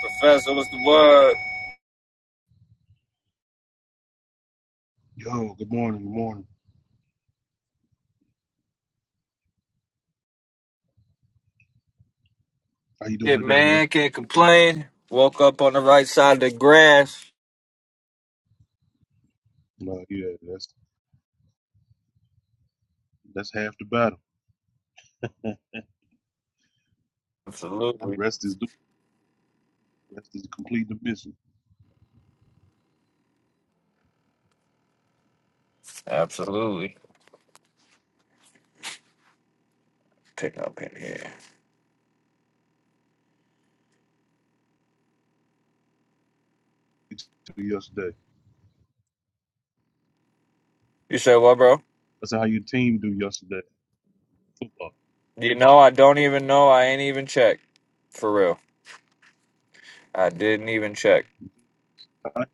Professor, what's the word? Yo, good morning, good morning. How you Shit, doing today, man? man, can't complain. Woke up on the right side of the grass. No, yeah, that's that's half the battle. The Absolutely. rest is the rest is completing the mission. Absolutely. Pick up in here. It's to yesterday. You said what, bro? That's how your team do yesterday. Football. You know, I don't even know. I ain't even checked. For real. I didn't even check. All right.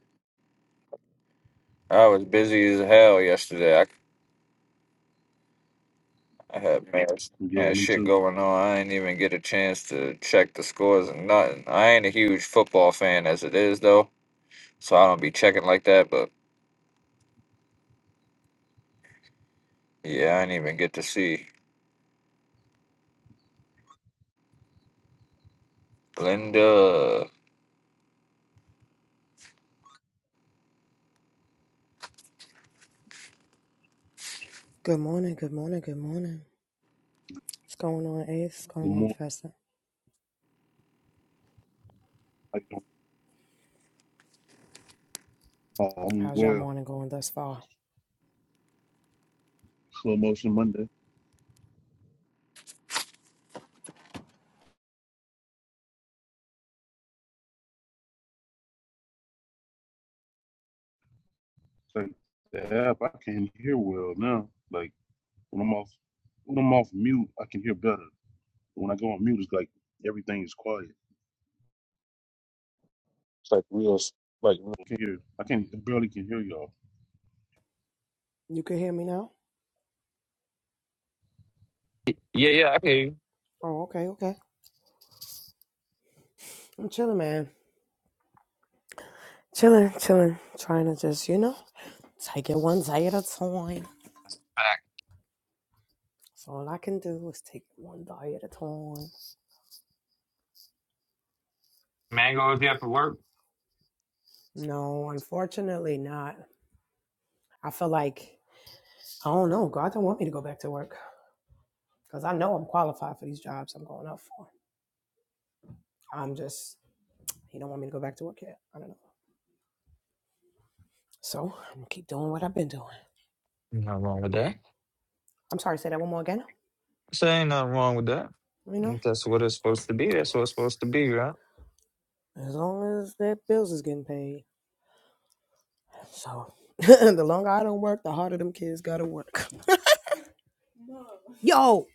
I was busy as hell yesterday. I, I had, man, I Yeah, had me shit too. going on. I didn't even get a chance to check the scores and nothing. I ain't a huge football fan as it is, though, so I don't be checking like that, but yeah, I didn't even get to see. Linda. Good morning, good morning, good morning. What's going on, Ace? What's Good going on, morning. Professor? How you doing? Oh, I'm How's y'all well. morning going thus far? Slow motion Monday. Like the app, I can hear well now. Like when I'm off when I'm off mute, I can hear better. When I go on mute, it's like everything is quiet. It's like real, s- like real- I can hear. I can I barely can hear y'all. You can hear me now? Yeah, yeah, I can hear you. Oh, okay, okay. I'm chilling, man. Chilling, chilling. Trying to just, you know, take it one day at a time. Fact. So all I can do is take it one day at a time. Mango you have to work. No, unfortunately not. I feel like, I don't know, God don't want me to go back to work because I know I'm qualified for these jobs I'm going up for. I'm just, He don't want me to go back to work yet. I don't know. So I'm gonna keep doing what I've been doing. Nothing wrong with that. I'm sorry, say that one more again. So ain't nothing wrong with that. You know, If That's what it's supposed to be. That's what it's supposed to be, right? as long as their bills is getting paid. So the longer I don't work, the harder them kids gotta work. Yo,